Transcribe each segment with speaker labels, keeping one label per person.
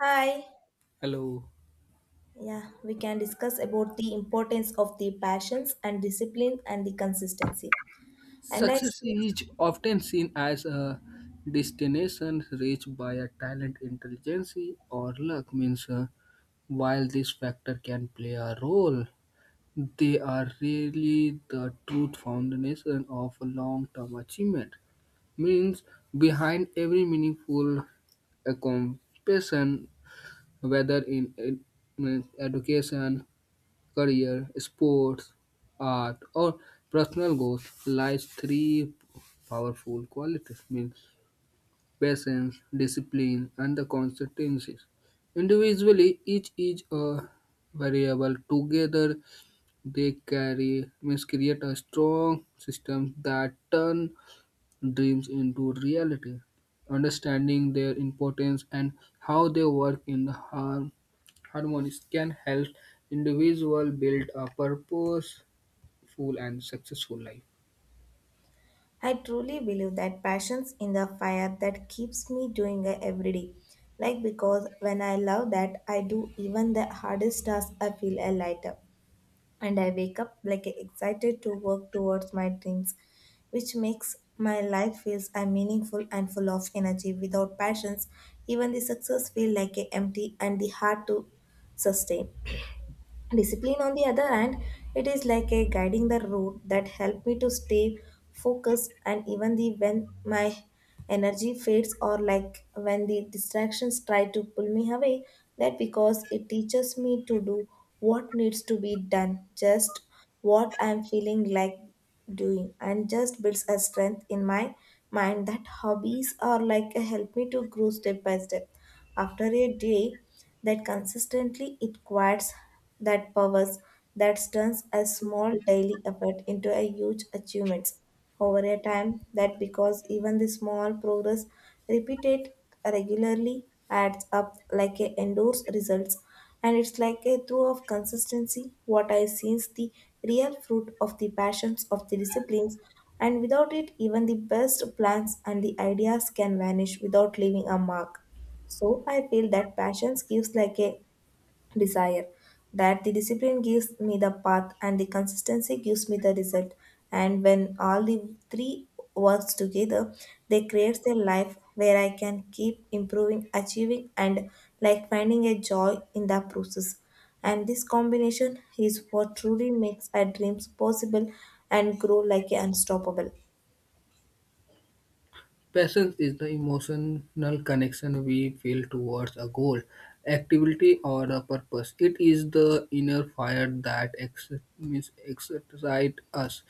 Speaker 1: Hi.
Speaker 2: Hello.
Speaker 1: Yeah, we can discuss about the importance of the passions and discipline and the consistency. And I,
Speaker 2: Success is often seen as a destination reached by a talent, intelligence, or luck. Means, while this factor can play a role, they are really the true foundation of long-term achievement. Means, behind every meaningful accomplishment, whether in means education, career, sports, art, or personal goals lies three powerful qualities means patience, discipline, and the consistencies. Individually, each is a variable. Together, they carry means create a strong system that turn dreams into reality, understanding their importance and how they work in harmony can help individual build a purposeful and successful life.
Speaker 1: I truly believe that passions in the fire that keeps me doing it every day. Like because when I love that, I do even the hardest task, I feel a lighter. And I wake up like excited to work towards my dreams, which makes my life feels I'm meaningful and full of energy. Without passions, even the success feel like a empty and the hard to sustain. Discipline, on the other hand, it is like a guiding the route that help me to stay focused and even the when my energy fades or like when the distractions try to pull me away. That because it teaches me to do what needs to be done, just what I'm feeling like doing, and just builds a strength in my mind that hobbies are like a help me to grow step by step. After a day that consistently it quiets that powers that turns a small daily effort into a huge achievement over a time that because even the small progress repeated regularly adds up like a endorse results, and it's like a through of consistency what I since the real fruit of the passions of the disciplines. And without it, even the best plans and the ideas can vanish without leaving a mark. So I feel that passions gives like a desire, that the discipline gives me the path, and the consistency gives me the result. And when all the three works together, they creates a life where I can keep improving, achieving, and like finding a joy in the process. And this combination is what truly makes our dreams possible and grow like a unstoppable.
Speaker 2: Passion is the emotional connection we feel towards a goal, activity, or a purpose. It is the inner fire that means excites us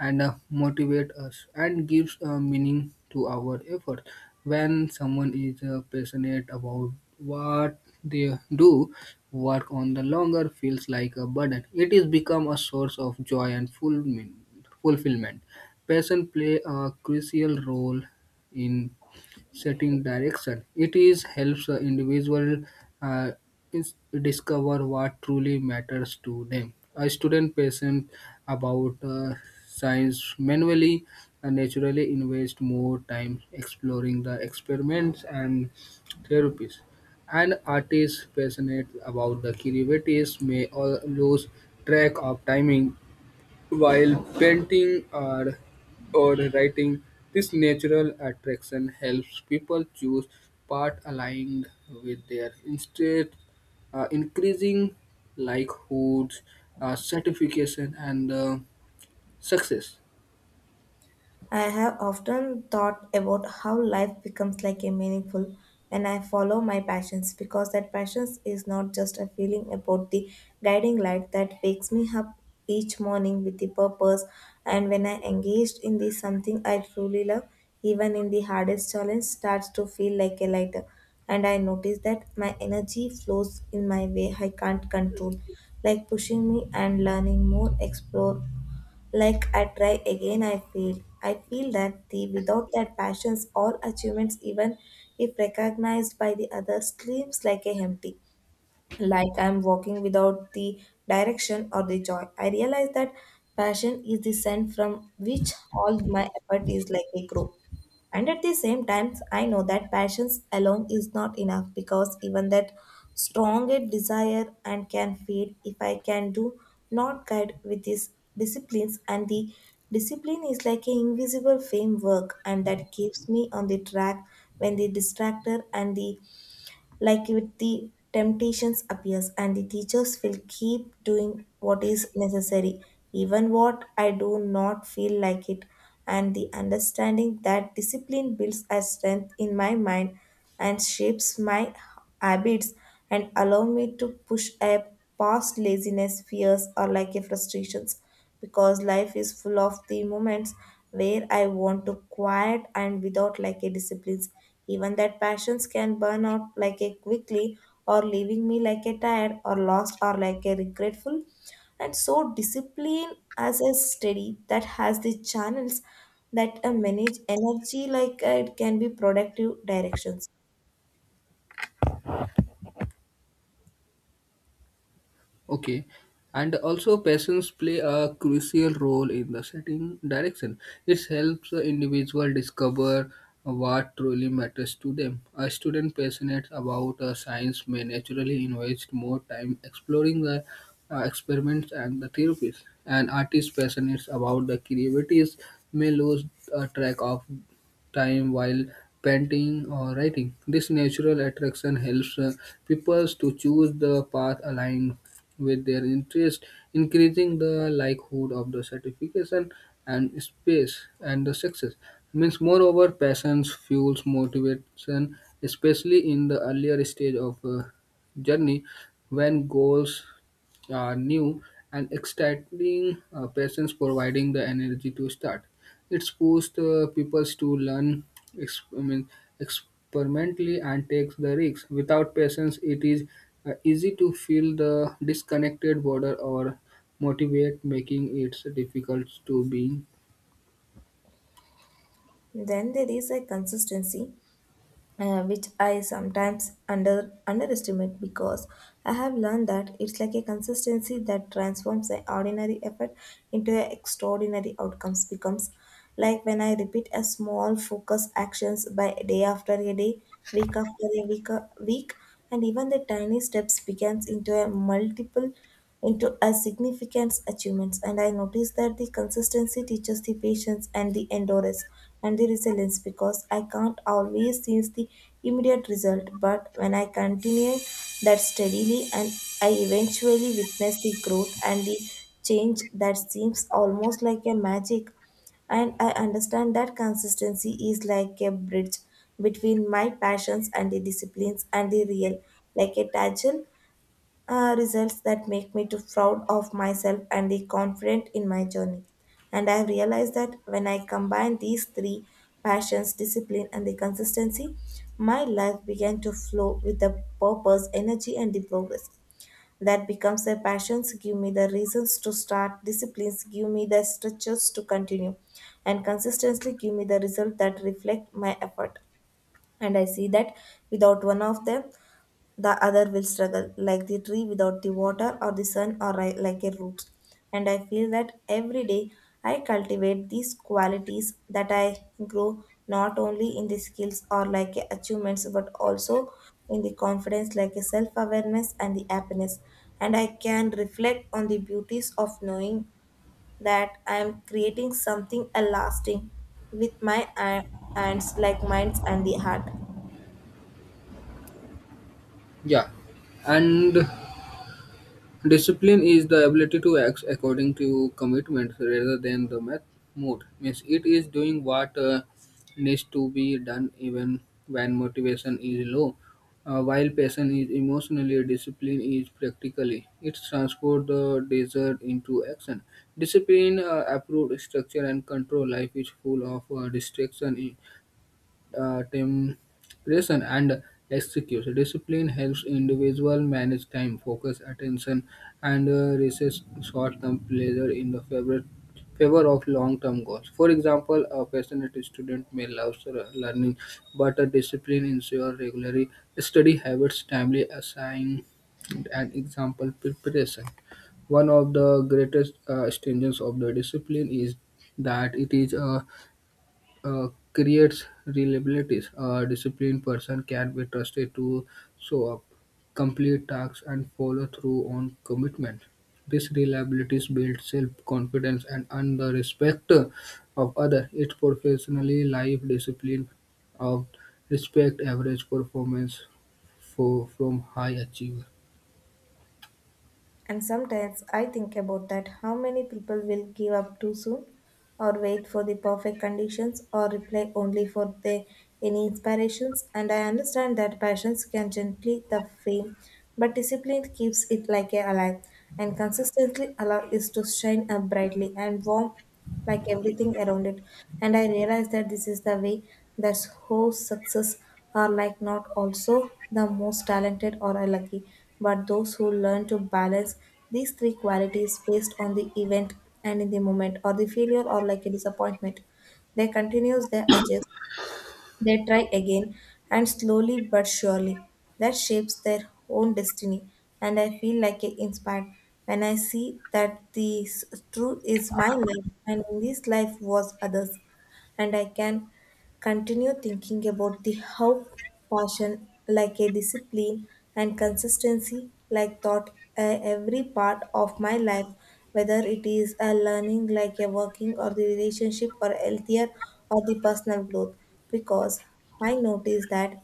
Speaker 2: and motivates us and gives a meaning to our effort. When someone is passionate about what they do, work on the longer feels like a burden. It is become a source of joy and fulfillment. Passion play a crucial role in setting direction. It is helps the individual uh, is- discover what truly matters to them. A student patient about science manually and naturally invest more time exploring the experiments and therapies. An artist passionate about the creativities may all lose track of timing while painting or writing, this natural attraction helps people choose path aligned with their interests, increasing likelihoods, satisfaction, and success.
Speaker 1: I have often thought about how life becomes like a meaningful when I follow my passions, because that passion is not just a feeling about the guiding light that wakes me up each morning with the purpose. And when I engaged in this something I truly love, even in the hardest challenge starts to feel like a lighter. And I notice that my energy flows in my way I can't control, like pushing me and learning more explore. Like I try again, I fail. I feel that the without that passions or achievements, even if recognized by the others, seems like a empty, like I'm walking without the direction or the joy. I realize that passion is the scent from which all my effort is like a grow. And at the same time, I know that passions alone is not enough, because even that stronger desire and can fade if I can do not guide with these disciplines. And the discipline is like an invisible framework and that keeps me on the track when the distractor and the like with the temptations appears, and the teachers will keep doing what is necessary even what I do not feel like it. And the understanding that discipline builds a strength in my mind and shapes my habits and allow me to push up past laziness fears or like a frustrations, because life is full of the moments where I want to quiet and without like a disciplines. Even that passions can burn out like a quickly, or leaving me like a tired or lost or like a regretful. And so discipline as a study that has the channels that manage energy like it can be productive directions.
Speaker 2: Okay. And also, passions play a crucial role in the setting direction. It helps the individual discover what truly matters to them. A student passionate about science may naturally invest more time exploring the experiments and the theories. An artist passionate about the creativities may lose track of time while painting or writing. This natural attraction helps people to choose the path aligned with their interest, increasing the likelihood of the certification and space and the success. Means moreover, passions fuels motivation, especially in the earlier stage of journey when goals are new and exciting. Passions providing the energy to start. It's pushed people to learn ex- I mean, experimentally and takes the risks. Without patience, it is easy to feel the disconnected border or motivate, making it difficult to be.
Speaker 1: Then there is a consistency which I sometimes underestimate, because I have learned that it's like a consistency that transforms an ordinary effort into an extraordinary outcomes. Becomes like when I repeat a small focus actions by day after a day, week after a week, and even the tiny steps begins into a multiple into a significant achievements. And I noticed that the consistency teaches the patience and the endurance and the resilience, because I can't always see the immediate result. But when I continue that steadily, and I eventually witness the growth and the change that seems almost like a magic. And I understand that consistency is like a bridge between my passions and the disciplines and the real, like a tangle results that make me to proud of myself and the confident in my journey. And I have realized that when I combine these three passions, discipline, and the consistency, my life began to flow with the purpose, energy, and the progress. That becomes a passions give me the reasons to start, disciplines give me the structures to continue, and consistently give me the result that reflect my effort. And I see that without one of them, the other will struggle, like the tree without the water or the sun, or like a root. And I feel that every day I cultivate these qualities that I grow not only in the skills or like achievements, but also in the confidence, like a self awareness and the happiness. And I can reflect on the beauties of knowing that I am creating something a lasting with my hands, like minds and the heart.
Speaker 2: Yeah, and discipline is the ability to act according to commitment rather than the mood. Means it is doing what needs to be done even when motivation is low. While passion is emotionally, discipline is practically. It transforms the desire into action. Discipline, approved structure and control. Life is full of distraction temperation and execute. Discipline helps individual manage time, focus, attention, and resist short-term pleasure in the favor of long-term goals. For example, a passionate student may love learning, but a discipline ensures regular study habits, timely assignment, and example preparation. One of the greatest strengths of the discipline is that it is a creates reliabilities. A disciplined person can be trusted to show up, complete tasks, and follow through on commitments. This reliability builds self-confidence and earn the respect of others. It's professionally life discipline of respect average performance from high achievers.
Speaker 1: And sometimes I think about that how many people will give up too soon or wait for the perfect conditions or reply only for the, any inspirations. And I understand that passions can gently the flame, but discipline keeps it like a alive. And consistently allow it to shine up brightly and warm like everything around it. And I realized that this is the way that who success are like not also the most talented or are lucky, but those who learn to balance these three qualities based on the event and in the moment or the failure or like a disappointment. They continues their adjust. They try again, and slowly but surely, that shapes their own destiny. And I feel like I inspired when I see that the truth is my life, and in this life was others, and I can continue thinking about the how passion like a discipline and consistency like thought every part of my life, whether it is a learning like a working or the relationship or healthier or the personal growth. Because I notice that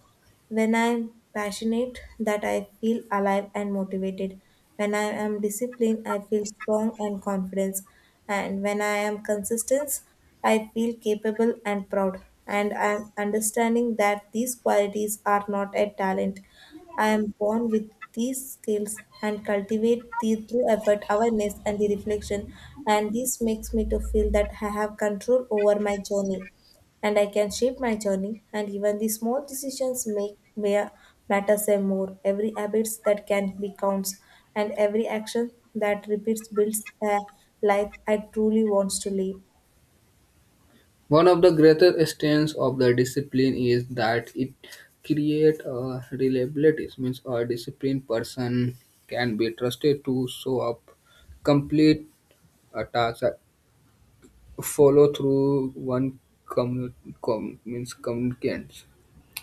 Speaker 1: when I'm passionate, that I feel alive and motivated. When I am disciplined, I feel strong and confidence. And when I am consistent, I feel capable and proud. And I'm understanding that these qualities are not a talent. I am born with these skills and cultivate these through effort, awareness, and the reflection. And this makes me to feel that I have control over my journey and I can shape my journey. And even the small decisions make may matter say more. Every habits that can be counts, and every action that repeats builds a life I truly wants to live.
Speaker 2: One of the greater strengths of the discipline is that it creates a reliability. It means a disciplined person can be trusted to show up, complete a task, and follow through one commu- means communicants.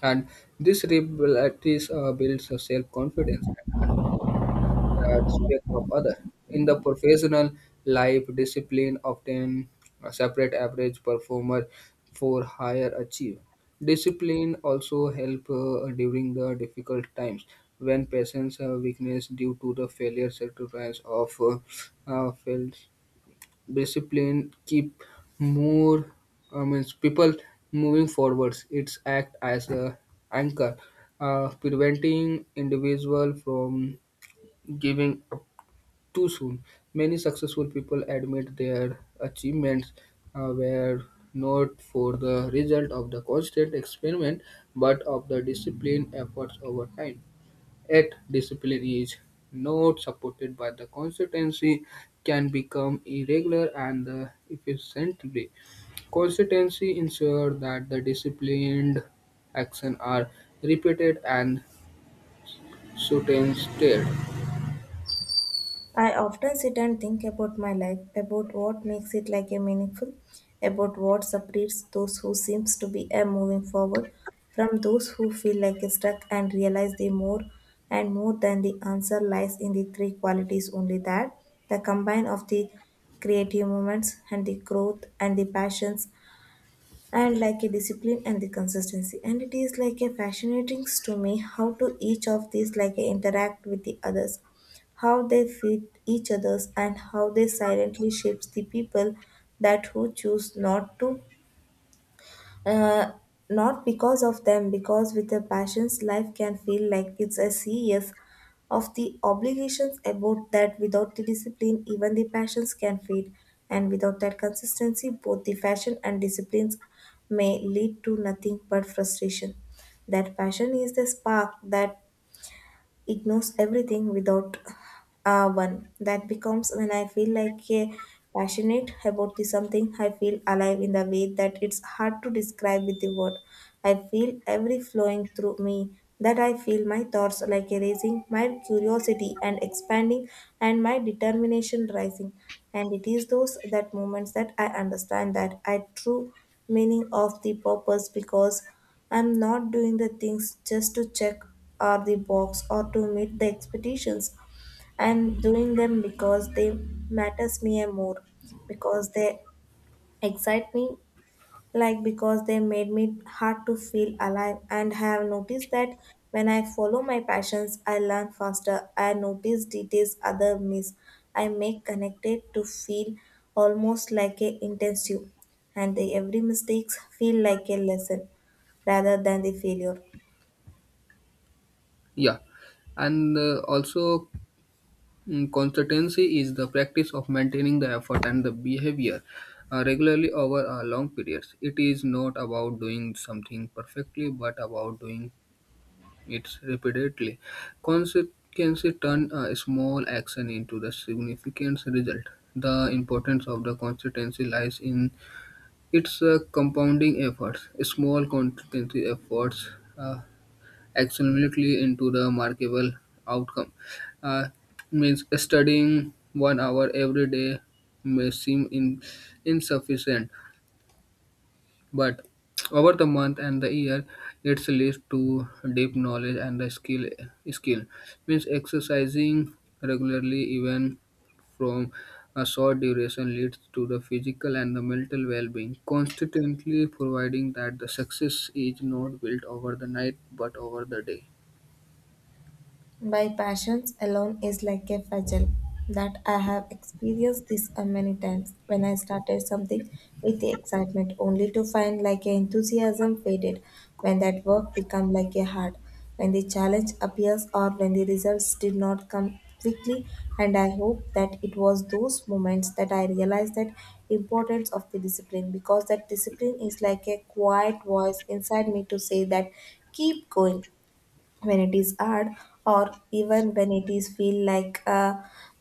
Speaker 2: And this reliability builds a self-confidence respect of other. In the professional life, discipline often separate average performer for higher achiever. Discipline also help during the difficult times when patients are weakness due to the failure sacrifice of failed discipline keep more I mean people moving forwards. It's act as a anchor, preventing individual from giving too soon. Many successful people admit their achievements were not for the result of the constant experiment but of the disciplined efforts over time. Yet, discipline is not supported by the consistency, can become irregular and efficiently. Consistency ensures that the disciplined actions are repeated and sustained.
Speaker 1: I often sit and think about my life, about what makes it like a meaningful, about what separates those who seems to be a moving forward from those who feel like a stuck, and realize the more and more than the answer lies in the three qualities only, that the combine of the creative moments and the growth and the passions and like a discipline and the consistency. And it is like a fascinating to me how to each of these like interact with the others, how they fit each others, and how they silently shapes the people that who choose not to uh, not because of them, because with a passion's life can feel like it's a series of the obligations about that without the discipline even the passions can fade. And without that consistency both the fashion and disciplines may lead to nothing but frustration, that passion is the spark that ignores everything without one. That becomes when I feel like a passionate about the something. I feel alive in the way that it's hard to describe with the word. I feel every flowing through me. That I feel my thoughts like a erasing, my curiosity and expanding, and my determination rising. And it is those that moments that I understand that I true meaning of the purpose, because I'm not doing the things just to check or the box or to meet the expectations. I'm doing them because they matters me and more because they excite me like because they made me hard to feel alive, and I have noticed that when I follow my passions I learn faster, I notice details other miss, I make connected to feel almost like a intensive, and the every mistakes feel like a lesson rather than the failure.
Speaker 2: Yeah, and consistency is the practice of maintaining the effort and the behavior regularly over a long periods. It is not about doing something perfectly, but about doing it repeatedly. Consistency turn a small action into the significant result. The importance of the consistency lies in its compounding efforts. Small consistency efforts. uh, Absolutely into the remarkable outcome. Uh, Means studying 1 hour every day may seem insufficient, but over the month and the year, it leads to deep knowledge and the skill. Skill means exercising regularly, even from a short duration, leads to the physical and the mental well-being. Constantly providing that the success is not built over the night but over the day.
Speaker 1: By passions alone is like a fagel that I have experienced this a many times when I started something with the excitement only to find like a enthusiasm faded when that work become like a hard, when the challenge appears or when the results did not come quickly, and I hope that it was those moments that I realized that importance of the discipline because that discipline is like a quiet voice inside me to say that keep going when it is hard, or even when it is feel like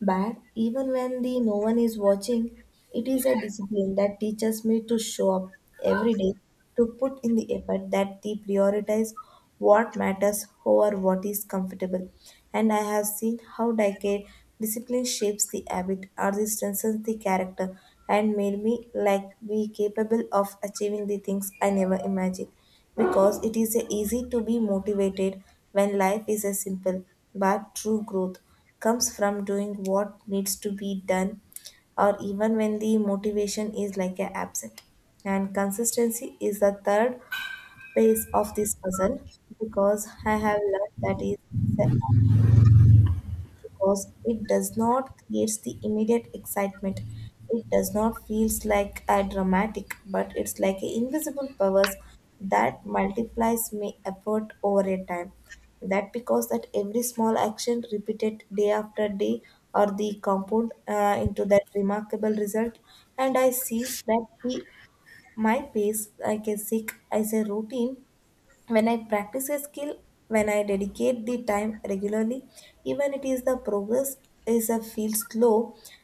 Speaker 1: bad, even when the no one is watching. It is a discipline that teaches me to show up every day, to put in the effort that they prioritize what matters over what is comfortable, and I have seen how decade discipline shapes the habit or the strengthens the character and made me like be capable of achieving the things I never imagined because it is easy to be motivated when life is a simple, but true growth comes from doing what needs to be done or even when the motivation is like a absent. And consistency is the third piece of this puzzle because I have learned that is because it does not creates the immediate excitement. It does not feels like a dramatic, but it's like a invisible powers that multiplies my effort over a time. That because that every small action repeated day after day or the compound into that remarkable result, and I sees that the my pace like a sick as a routine when I practice a skill, when I dedicate the time regularly, even it is the progress is a feel slow,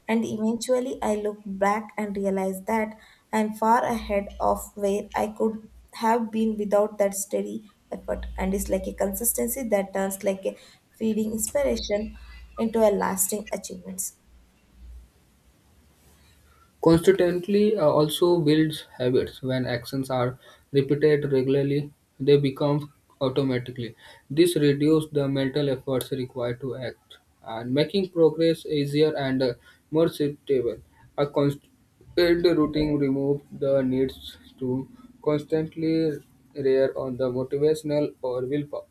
Speaker 1: and eventually I look back and realize that I'm far ahead of where I could have been without that steady effort, and it's like a consistency that turns like a feeding inspiration into a lasting achievements.
Speaker 2: Constantly also builds habits. When actions are repeated regularly, they become automatically. This reduces the mental efforts required to act, and making progress easier and more suitable. A constant routine removes the needs to constantly rear on the motivational or willpower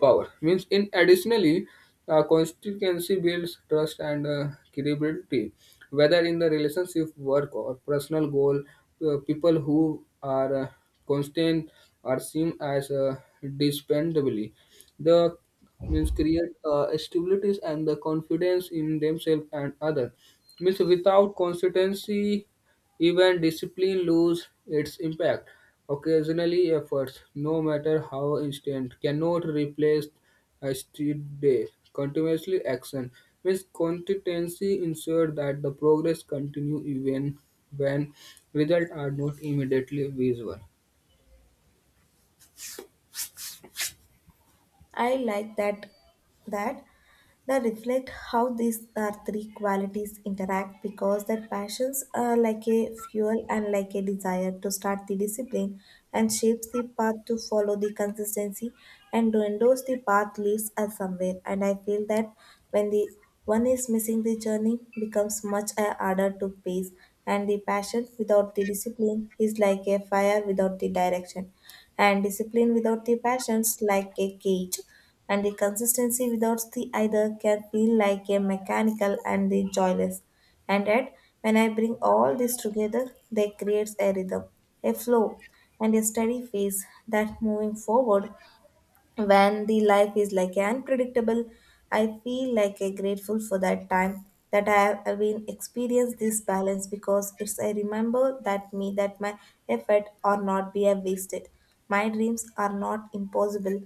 Speaker 2: power. Means in additionally, constituency builds trust and credibility, whether in the relationship, work, or personal goal. People who are constant are seen as dispensably. The means create stability and the confidence in themselves and other. Means without consistency even discipline lose its impact. Occasionally, efforts, no matter how instant, cannot replace a street day. Continuously action means consistency ensure that the progress continue even when results are not immediately visible.
Speaker 1: I like that that reflect how these are three qualities interact because that passions are like a fuel and like a desire to start the discipline and shapes the path to follow the consistency and to endorse the path leads us somewhere, and I feel that when the one is missing the journey becomes much harder to pace, and the passion without the discipline is like a fire without the direction, and discipline without the passions like a cage, and the consistency without the either can feel like a mechanical and the joyless. And yet, when I bring all this together, they creates a rhythm, a flow, and a steady pace that moving forward when the life is like unpredictable. I feel like a grateful for that time that I been experienced this balance because it's I remember that me that my effort are not be a wasted, my dreams are not impossible,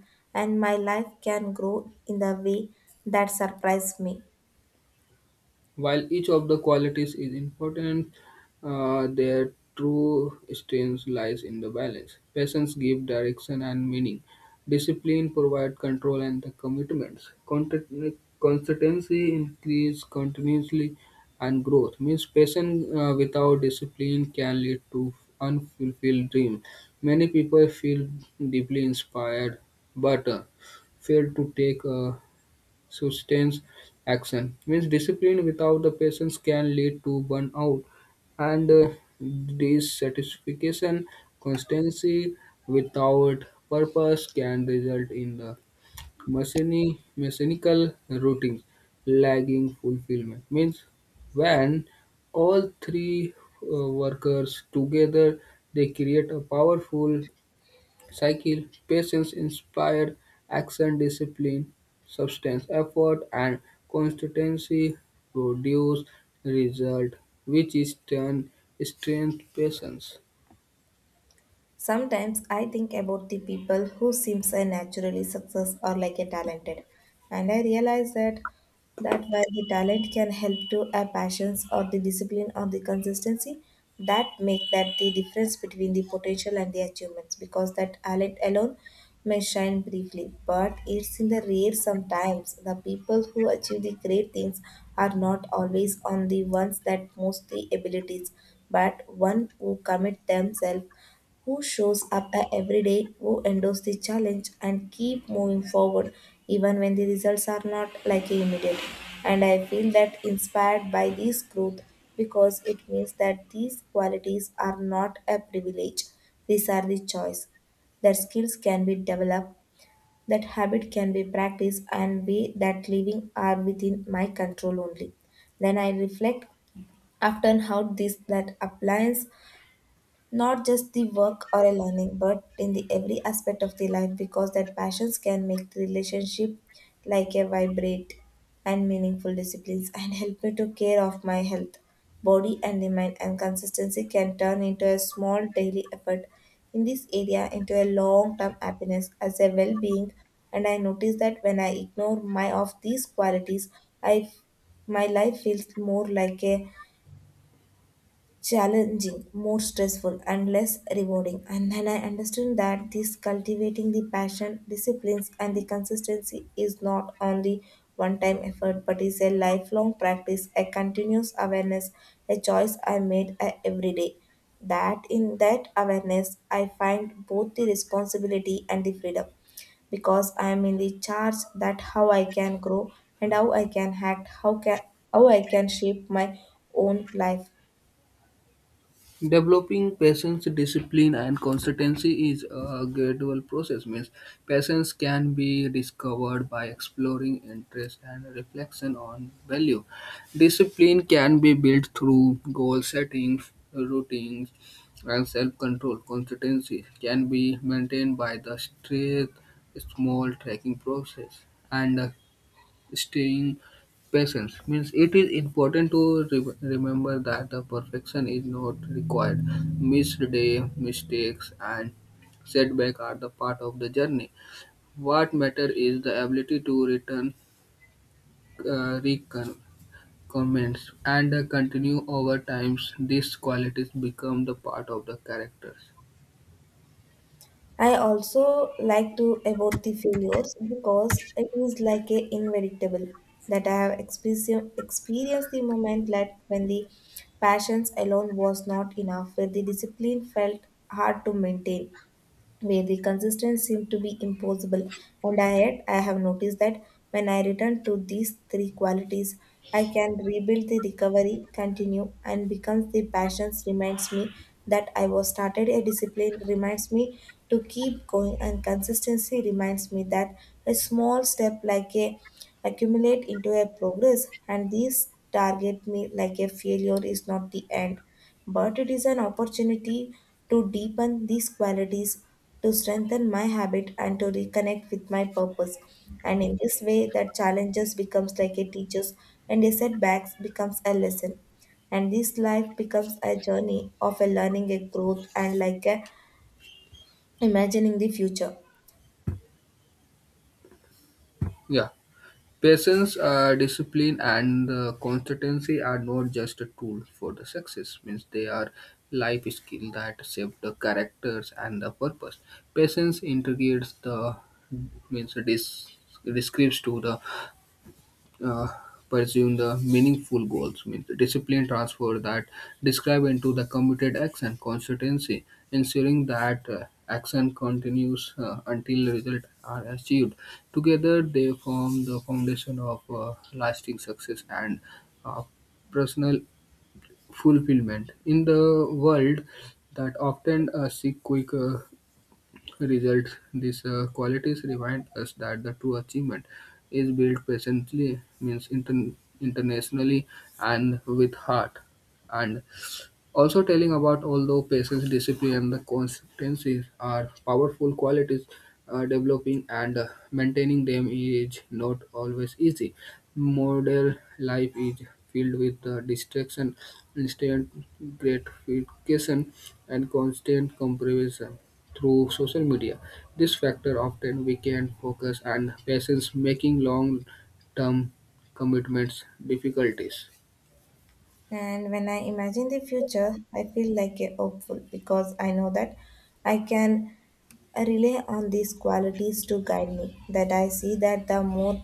Speaker 1: and my life can grow in the way that surprise me.
Speaker 2: While each of the qualities is important, their true strength lies in the balance. Patience gives direction and meaning. Discipline provides control and the commitments. Consistency increases continuously and growth. Means patience without discipline can lead to unfulfilled dream. Many people feel deeply inspired but fail to take sustains action means discipline without the patience can lead to burnout and dissatisfaction. Constancy without purpose can result in the mechanical routines, lagging fulfillment. Means when all three workers together, they create a powerful cycle, patience inspired action, discipline, substance, effort, and consistency produce result, which is turn strength patience.
Speaker 1: Sometimes I think about the people who seems a naturally success or like a talented, and I realize that while the talent can help to a passions or the discipline or the consistency, that make that the difference between the potential and the achievements because that talent alone may shine briefly, but it's in the rare sometimes the people who achieve the great things are not always on the ones that most the abilities, but one who commit themselves, who shows up every day, who endures the challenge and keep moving forward even when the results are not like immediate. And I feel that inspired by this growth because it means that these qualities are not a privilege. These are the choice. That skills can be developed, that habit can be practiced and way that living are within my control only. Then I reflect often how this that applies not just the work or a learning but in the every aspect of the life because that passions can make the relationship like a vibrate and meaningful disciplines and help me to care of my health body and the mind, and consistency can turn into a small daily effort in this area into a long term happiness as a well being. And I notice that when I ignore my of these qualities i f- my life feels more like a challenging, more stressful, and less rewarding. And then I understood that this cultivating the passion, disciplines, and the consistency is not only one time effort but is a lifelong practice, a continuous awareness, a choice I made every day. That in that awareness, I find both the responsibility and the freedom because I am in the charge that how I can grow and how I can act, how I can shape my own life.
Speaker 2: Developing patience, discipline, and consistency is a gradual process. Means patience can be discovered by exploring interest and reflection on value. Discipline can be built through goal setting, routines, and self-control. Consistency can be maintained by the straight, small tracking process, and staying patience means it is important to remember that the perfection is not required missed day mistakes and setback are the part of the journey what matter is the ability to return recon- and continue over times these qualities become the part of the characters.
Speaker 1: I also like to about the failures because it is like a inevitable that I have experienced the moment that when the passions alone was not enough, where the discipline felt hard to maintain, where the consistency seemed to be impossible. Yet, I have noticed that when I return to these three qualities, I can rebuild the recovery, continue, and becomes the passions reminds me that I was started, a discipline reminds me to keep going, and consistency reminds me that a small step like a accumulate into a progress, and these target me like a failure is not the end but it is an opportunity to deepen these qualities, to strengthen my habit, and to reconnect with my purpose. And in this way, that challenges becomes like a teacher's, and a setbacks becomes a lesson. And this life becomes a journey of a learning, a growth, and like a imagining the future.
Speaker 2: Yeah, patience, discipline, and consistency are not just a tool for the success. Means they are life skill that shape the characters and the purpose. Patience integrates the means it is describes to the uh, pursuing the meaningful goals means discipline transfer that describe into the committed action consistency ensuring that action continues until results are achieved together they form the foundation of lasting success and uh, personal fulfillment in the world that often seek quick results. These qualities remind us that the true achievement is built patiently, means internationally and with heart. And also telling about although patience, discipline, and the consistency are powerful qualities, developing and maintaining them is not always easy. Modern life is filled with distraction, instant gratification, and constant comparison through social media. This factor often weakens focus and patience, making long-term commitments difficulties.
Speaker 1: And when I imagine the future, I feel like a hopeful because I know that I can rely on these qualities to guide me. That I see that the more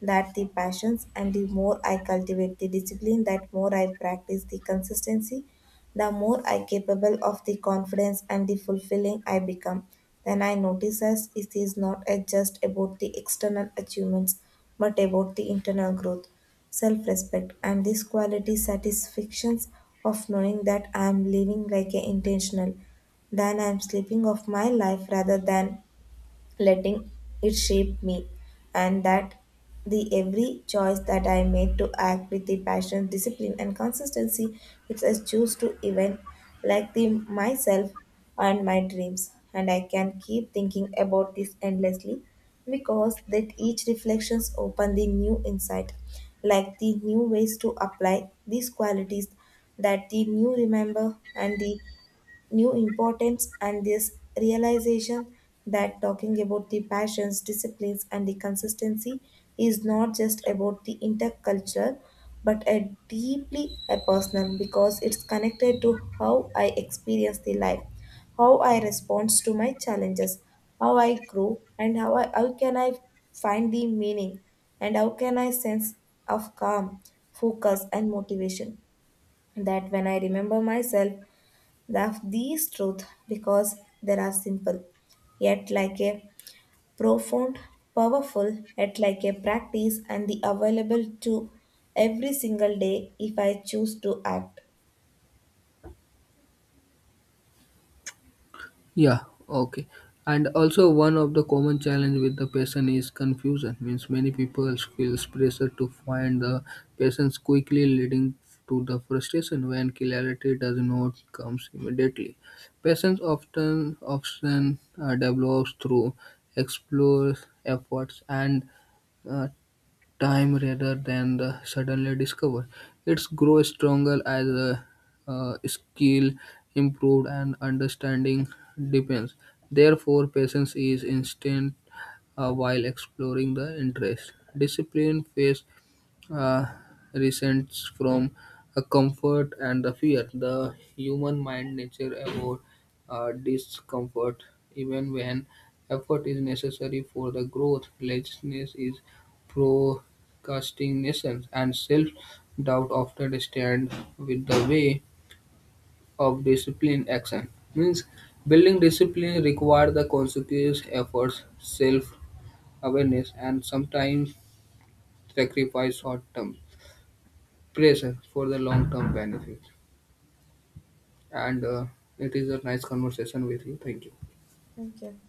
Speaker 1: that the passions and the more I cultivate the discipline, that more I practice the consistency, the more I capable of the confidence and the fulfilling I become, then I notice as it is not a- just about the external achievements, but about the internal growth, self-respect, and this quality satisfactions of knowing that I am living like an intentional, then I am sleeping of my life rather than letting it shape me, and that the every choice that I made to act with the passion, discipline, and consistency, which I choose to even like the myself and my dreams, and I can keep thinking about this endlessly because that each reflections open the new insight, like the new ways to apply these qualities, that the new remember and the new importance and this realization that talking about the passions, disciplines, and the consistency is not just about the intercultural but a deeply a personal because it's connected to how I experience the life, how I respond to my challenges, how I grow, and how can I find the meaning, and how can I sense of calm, focus, and motivation that when I remember myself, the, these truths, because they are simple, yet like a profound, powerful, yet like a practice and the available to every single day if I choose to act.
Speaker 2: Yeah, okay. And also one of the common challenge with the patient is confusion. Means many people feels pressure to find the patients quickly leading to the frustration when clarity does not comes immediately. Patients often develops through explore efforts and uh, time rather than the suddenly discovered. It's grow stronger as a skill improved and understanding deepens. Therefore, patience is instant while exploring the interest. Discipline face uh, resents from a comfort and the fear. The human mind nature avoid discomfort even when effort is necessary for the growth. Laziness is procrastination and self-doubt often stand with the way of discipline action. Means building discipline require the consequence efforts, self awareness and sometimes sacrifice short-term pleasure for the long-term benefit. And it is a nice conversation with you. Thank you.
Speaker 1: Thank you.